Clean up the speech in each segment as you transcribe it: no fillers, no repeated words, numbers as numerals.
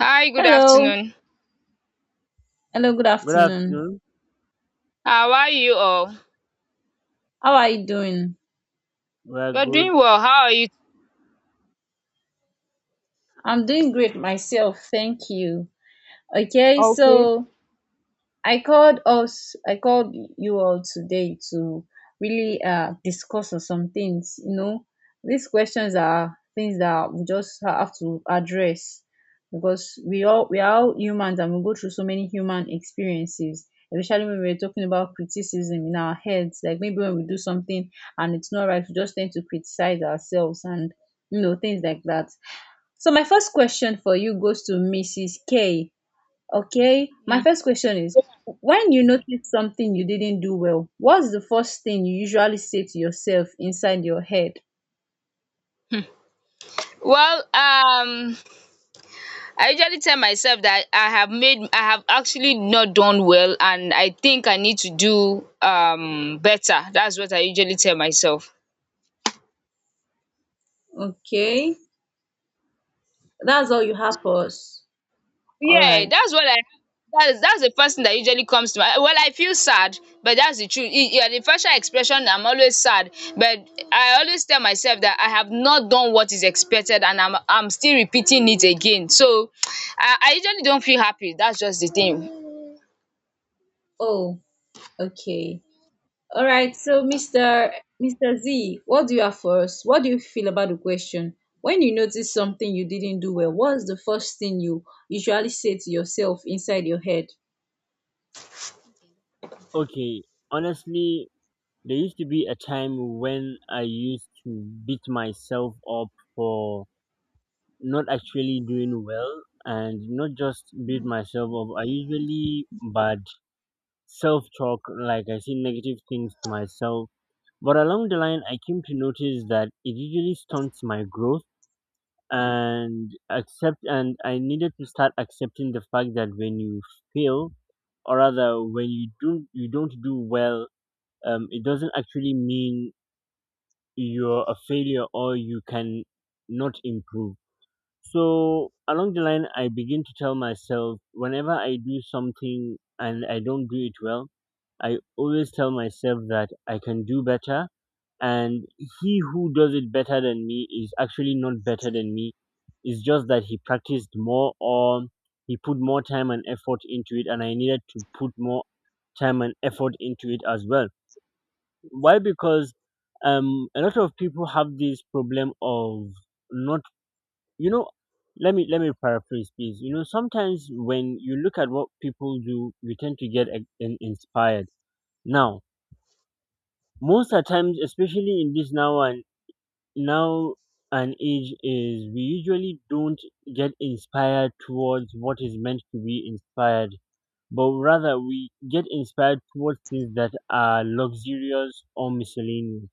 Hi, good Hello. afternoon. Hello, good Good afternoon. afternoon. How are you all? How are you doing? We're You're good. doing well. How are you? I'm doing great myself, thank you. Okay, so I called you all today to really discuss on some things. You know, these questions are things that we just have to address because we are all humans and we go through so many human experiences. Especially when we're talking about criticism in our heads, like maybe when we do something and it's not right, we just tend to criticize ourselves and things like that. So my first question for you goes to Mrs. K. Okay, my Mm. first question is when you notice something you didn't do well, what's the first thing you usually say to yourself inside your head? Well, um, I usually tell myself that I have actually not done well, and I think I need to do better. That's what I usually tell myself. Okay, that's all you have for us. All Yeah, right. that's what I that's the first thing that usually comes to my well, I feel sad, but that's the truth. Yeah, the facial expression, I'm always sad, but I always tell myself that I have not done what is expected, and I'm still repeating it again. So, I usually don't feel happy. That's just the thing. Oh, okay. All right. So, Mr. Z, what do you have for us? What do you feel about the question? When you notice something you didn't do well, what's the first thing you usually say to yourself inside your head? Okay. Honestly, there used to be a time when I used to beat myself up for not actually doing well and not just beat myself up. I usually bad self talk, like I say negative things to myself. But along the line, I came to notice that it usually stunts my growth and accept and I needed to start accepting the fact that when you fail, or rather when you do not, you don't do well, it doesn't actually mean you're a failure or you can not improve. So along the line I begin to tell myself, whenever I do something and I don't do it well, I always tell myself that I can do better, and he who does it better than me is actually not better than me. It's just that he practiced more, or he put more time and effort into it, and I needed to put more time and effort into it as well. Why? Because a lot of people have this problem of not, you know let me paraphrase please. You know, sometimes when you look at what people do you tend to get inspired. Now, most of the times, especially in this now and now an age is, we usually don't get inspired towards what is meant to be inspired, but rather we get inspired towards things that are luxurious or miscellaneous.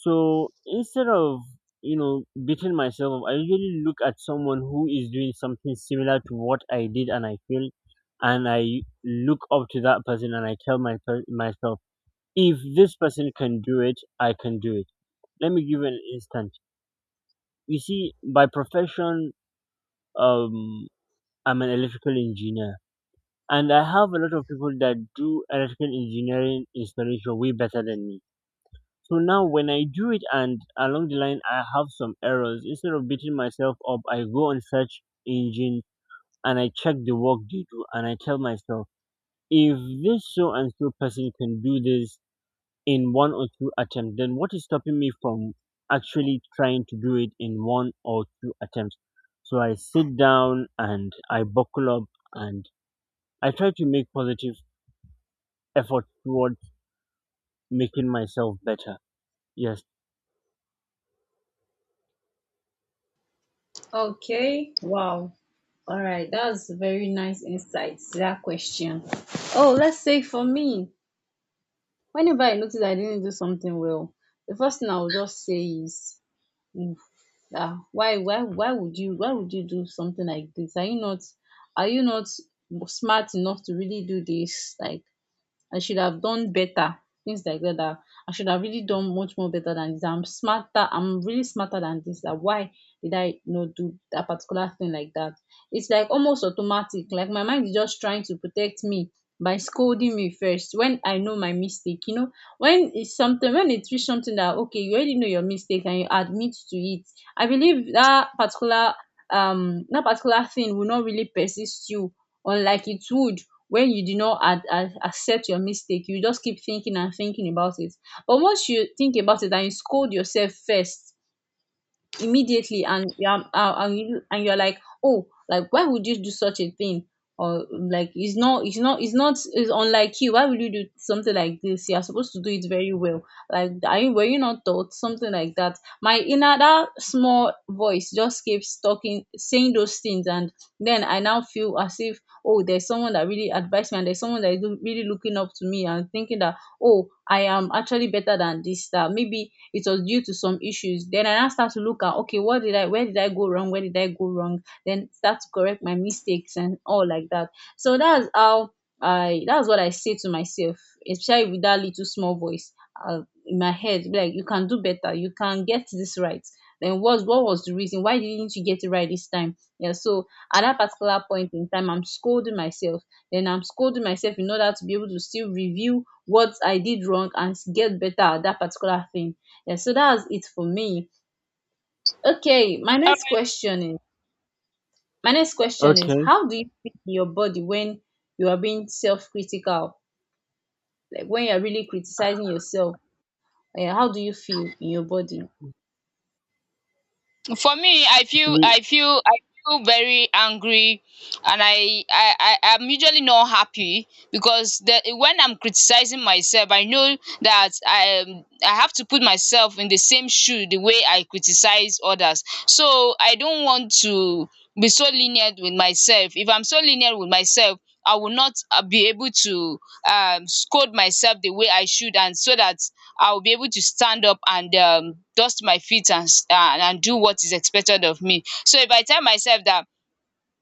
So instead of beating myself up, I usually look at someone who is doing something similar to what I did and I feel, and I look up to that person and I tell myself, if this person can do it, I can do it. Let me give you an instance. You see, by profession, um, I'm an electrical engineer, and I have a lot of people that do electrical engineering installation way better than me. So now, when I do it, and along the line, I have some errors. Instead of beating myself up, I go on search engine and I check the work they do, and I tell myself, if this so and so person can do this in one or two attempts, then what is stopping me from actually trying to do it in one or two attempts? So I sit down and I buckle up and I try to make positive effort towards making myself better. Yes. Okay. Wow. All right, that's very nice insights to that question. Oh, let's say for me, whenever I notice I didn't do something well, the first thing I will just say is, "Oof, ah, why would you do something like this? Are you not smart enough to really do this? Like, I should have done better. Things like that. I should have really done much more better than this. I'm smarter. I'm really smarter than this. That why did I do that particular thing like that? It's like almost automatic. Like my mind is just trying to protect me by scolding me first when I know my mistake. You know, when it's reach something that okay, you already know your mistake and you admit to it. I believe that particular thing will not really persist you unlike it would when you do not accept your mistake. You just keep thinking and thinking about it, but once you think about it and you scold yourself first immediately, and you are and you're like, oh, like, why would you do such a thing, or like, it's not it's not it's not it's unlike you. Why would you do something like this? You're supposed to do it very well. Like, are you, were you not taught something like that? My inner, that small voice just keeps talking, saying those things, and then I now feel as if, oh, there's someone that really advised me, and there's someone that is really looking up to me and thinking that, oh, I am actually better than this, that maybe it was due to some issues. Then I now start to look at, okay, what did I where did I go wrong, then start to correct my mistakes and all like that. So that's how I that's what I say to myself, especially with that little small voice uh, in my head, be like, you can do better, you can get this right. Then what was the reason why didn't you get it right this time? Yeah, so at that particular point in time, I'm scolding myself, then I'm scolding myself in order to be able to still review what I did wrong and get better at that particular thing. Yeah, so that's it for me. Okay, my next question is my next question is, Okay. how do you feel in your body when you are being self-critical? Like when you're really criticizing yourself, eh, how do you feel in your body? For me, i To feel be i feel i feel very angry, and I'm usually not happy because when I'm criticizing myself, I know that I have to put myself in the same shoe the way I criticize others, so I don't want to be so lenient with myself. If I'm so lenient with myself, I will not be able to scold myself the way I should, and so that I will be able to stand up and dust my feet and and do what is expected of me. So if I tell myself that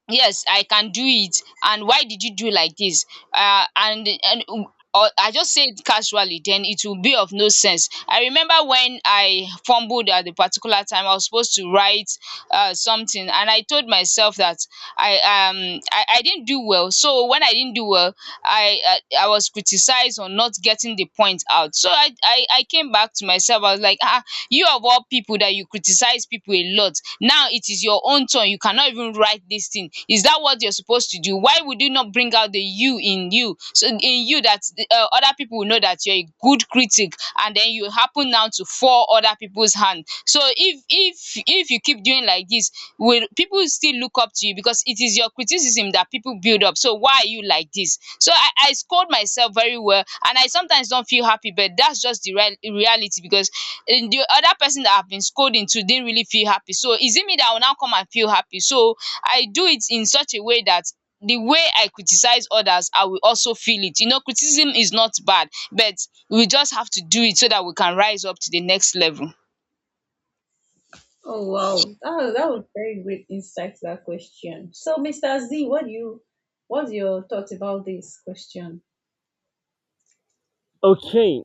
yes I can do it and why did you do like this, and or I just say it casually, then it will be of no sense. I remember when I fumbled at a particular time. I was supposed to write something, and I told myself that I didn't do well. So when I didn't do well, I was criticized on not getting the point out. So I came back to myself. I was like, ah, you of all people that you criticize people a lot, now it is your own turn, you cannot even write this thing. Is that what you're supposed to do? Why would you not bring out the you in you? So in you that other people will know that you're a good critic, and then you happen now to fall other people's hand. So if you keep doing like this, will people still look up to you? Because it is your criticism that people build up. So why are you like this? So I scold myself very well, and I sometimes don't feel happy, but that's just the real reality. Because and the other person that I've been scolding to didn't really feel happy. So is it me that will now come and feel happy? So I do it in such a way that the way I criticize others, I will also feel it. You know, criticism is not bad, but we just have to do it so that we can rise up to the next level. Oh wow, that was very great insight to that question. So, Mr. Z, what do you, what's your thoughts about this question? okay.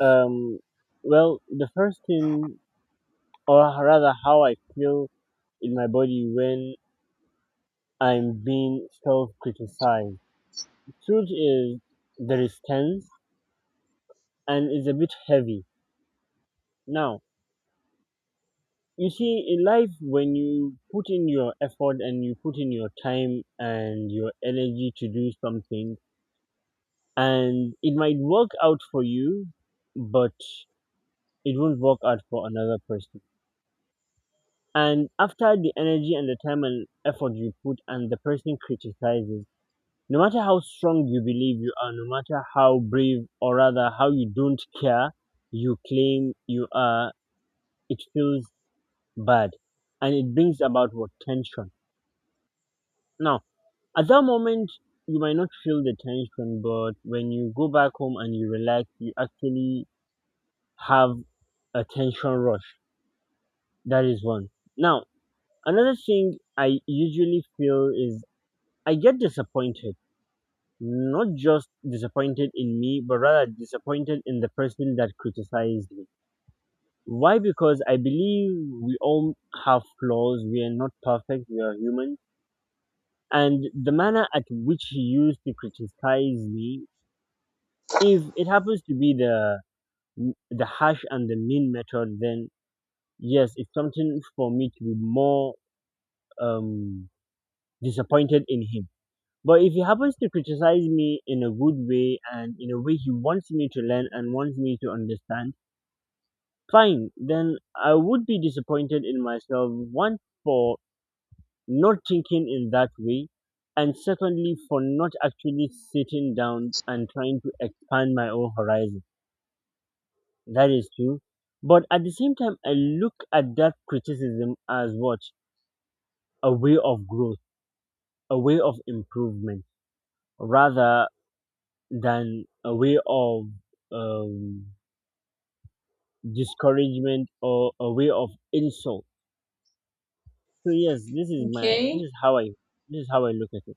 Um well, the first thing, or rather how I feel in my body when I'm being self criticized. Truth is there is tense and it's a bit heavy. Now, you see, in life, when you put in your effort and you put in your time and your energy to do something, and it might work out for you, but it won't work out for another person. And after the energy and the time and effort you put, and the person criticizes, no matter how strong you believe you are, no matter how brave or rather how you don't care you claim you are, it feels bad and it brings about what tension. Now, at that moment, you might not feel the tension, but when you go back home and you relax, you actually have a tension rush. That is one. Now, another thing I usually feel is I get disappointed. Not just disappointed in me, but rather disappointed in the person that criticized me. Why? Because I believe we all have flaws. We are not perfect. We are human. And the manner at which he used to criticize me, if it happens to be the hash and the mean method, then yes, it's something for me to be more um disappointed in him. But if he happens to criticize me in a good way and in a way he wants me to learn and wants me to understand, fine, then I would be disappointed in myself, one, for not thinking in that way, and secondly, for not actually sitting down and trying to expand my own horizon. That is true. But at the same time, I look at that criticism as what? A way of growth, a way of improvement, rather than a way of um, discouragement or a way of insult. So yes, this is my Okay, this is how I look at it.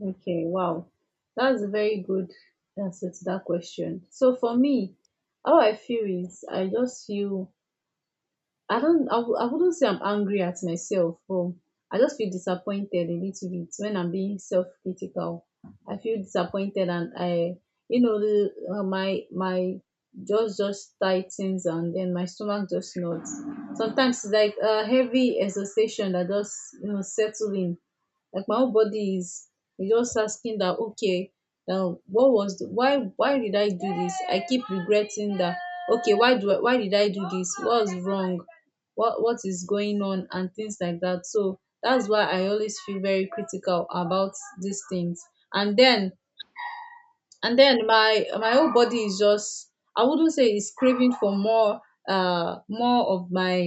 okay, wow. That's a very good answer to that question. So for me, how I feel is I just feel, I wouldn't say I'm angry at myself, but I just feel disappointed a little bit when I'm being self-critical. I feel disappointed, and I, you know, my my jaws just tightens, and then my stomach just knots. Sometimes it's like a heavy exhaustion that just settle in. Like my whole body is just asking that, okay, now what was why did I do this? I keep regretting that. Okay, why did I do this? What's wrong? What is going on and things like that. So that's why I always feel very critical about these things. And then my my whole body is just, I wouldn't say it's craving for more more of my,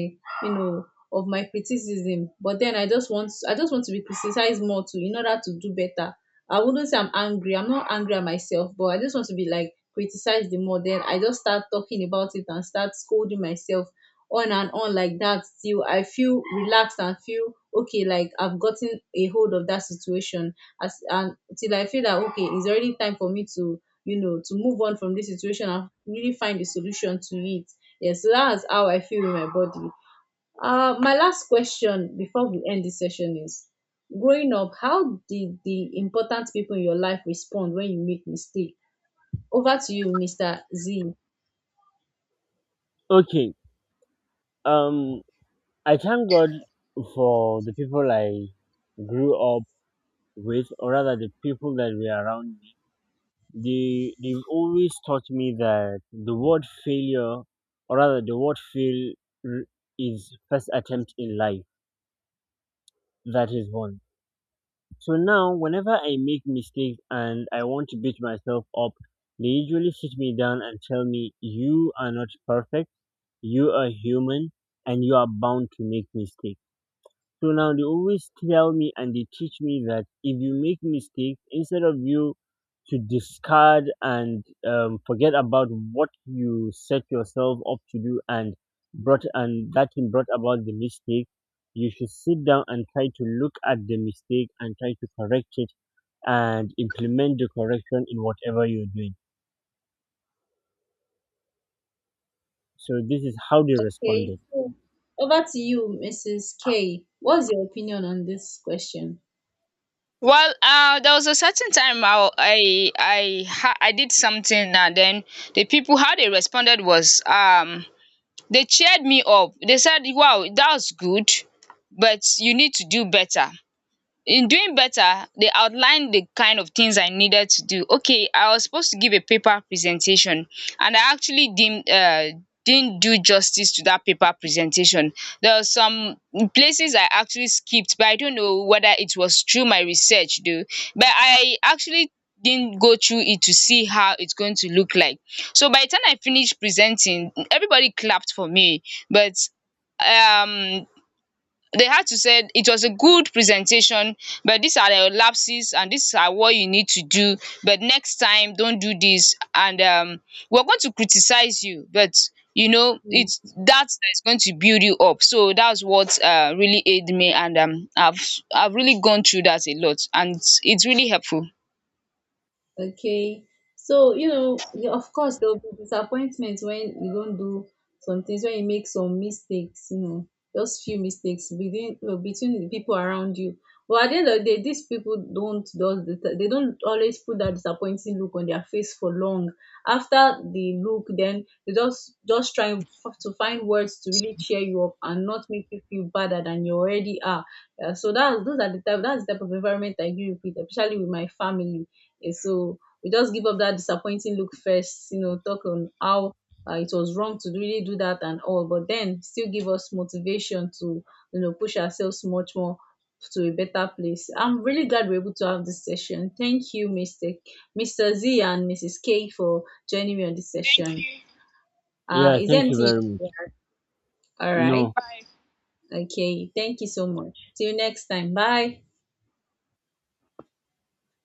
you know, of my criticism, but then I just want to be criticized more too in order to do better. I wouldn't say I'm angry, I'm not angry at myself, but I just want to be like criticized the more, then I just start talking about it and start scolding myself on and on like that, till I feel relaxed and feel okay, like I've gotten a hold of that situation, as and until I feel that, okay, it's already time for me to, you know, to move on from this situation and really find a solution to it. Yes, so that's how I feel in my body. My last question before we end this session is, growing up, how did the important people in your life respond when you make mistake? Over to you, Mr. Z. Okay. Um I thank God for the people I grew up with, or rather the people that were around me. They they've always taught me that the word failure, or rather the word r- is first attempt in life. That is one. So now whenever I make mistakes and I want to beat myself up, they usually sit me down and tell me you are not perfect, you are human, and you are bound to make mistakes. So now they always tell me and they teach me that if you make mistakes, instead of you to discard and forget about what you set yourself up to do and brought and that thing brought about the mistake, you should sit down and try to look at the mistake and try to correct it and implement the correction in whatever you're doing. So this is how they Okay, responded. so over to you, Mrs. K. What's your opinion on this question? Well, there was a certain time I did something, and then the people how they responded was they cheered me up. They said, "Wow, that was good, but you need to do better." In doing better, they outlined the kind of things I needed to do. Okay, I was supposed to give a paper presentation, and I actually didn't do justice to that paper presentation. There were some places I actually skipped, but I don't know whether it was through my research though, but I actually didn't go through it to see how it's going to look like. So by the time I finished presenting, everybody clapped for me, but um they had to say it was a good presentation, but these are the lapses and these are what you need to do. But next time, don't do this, and we're going to criticize you, but you know it's that is going to build you up. So that's what really aided me, and I've really gone through that a lot, and it's really helpful. Okay. So, you know, of course, there'll be disappointments when you don't do some things, when you make some mistakes, you know, just few mistakes within, between the people around you. But at the end of the day, these people don't, they don't always put that disappointing look on their face for long. After the look, then they just try to find words to really cheer you up and not make you feel better than you already are. Yeah, so that those are the type, that's the type of environment I grew up with, especially with my family, and so we just give up that disappointing look first, you know, talk on how it was wrong to really do that and all, but then still give us motivation to, you know, push ourselves much more to a better place. I'm really glad we're able to have this session. Thank you, Mr. Z and Mrs. K for joining me on this Thank session. you. Yeah, Is there thank you anything? very much. You- All right. No. Okay. Thank you so much. See you next time. Bye.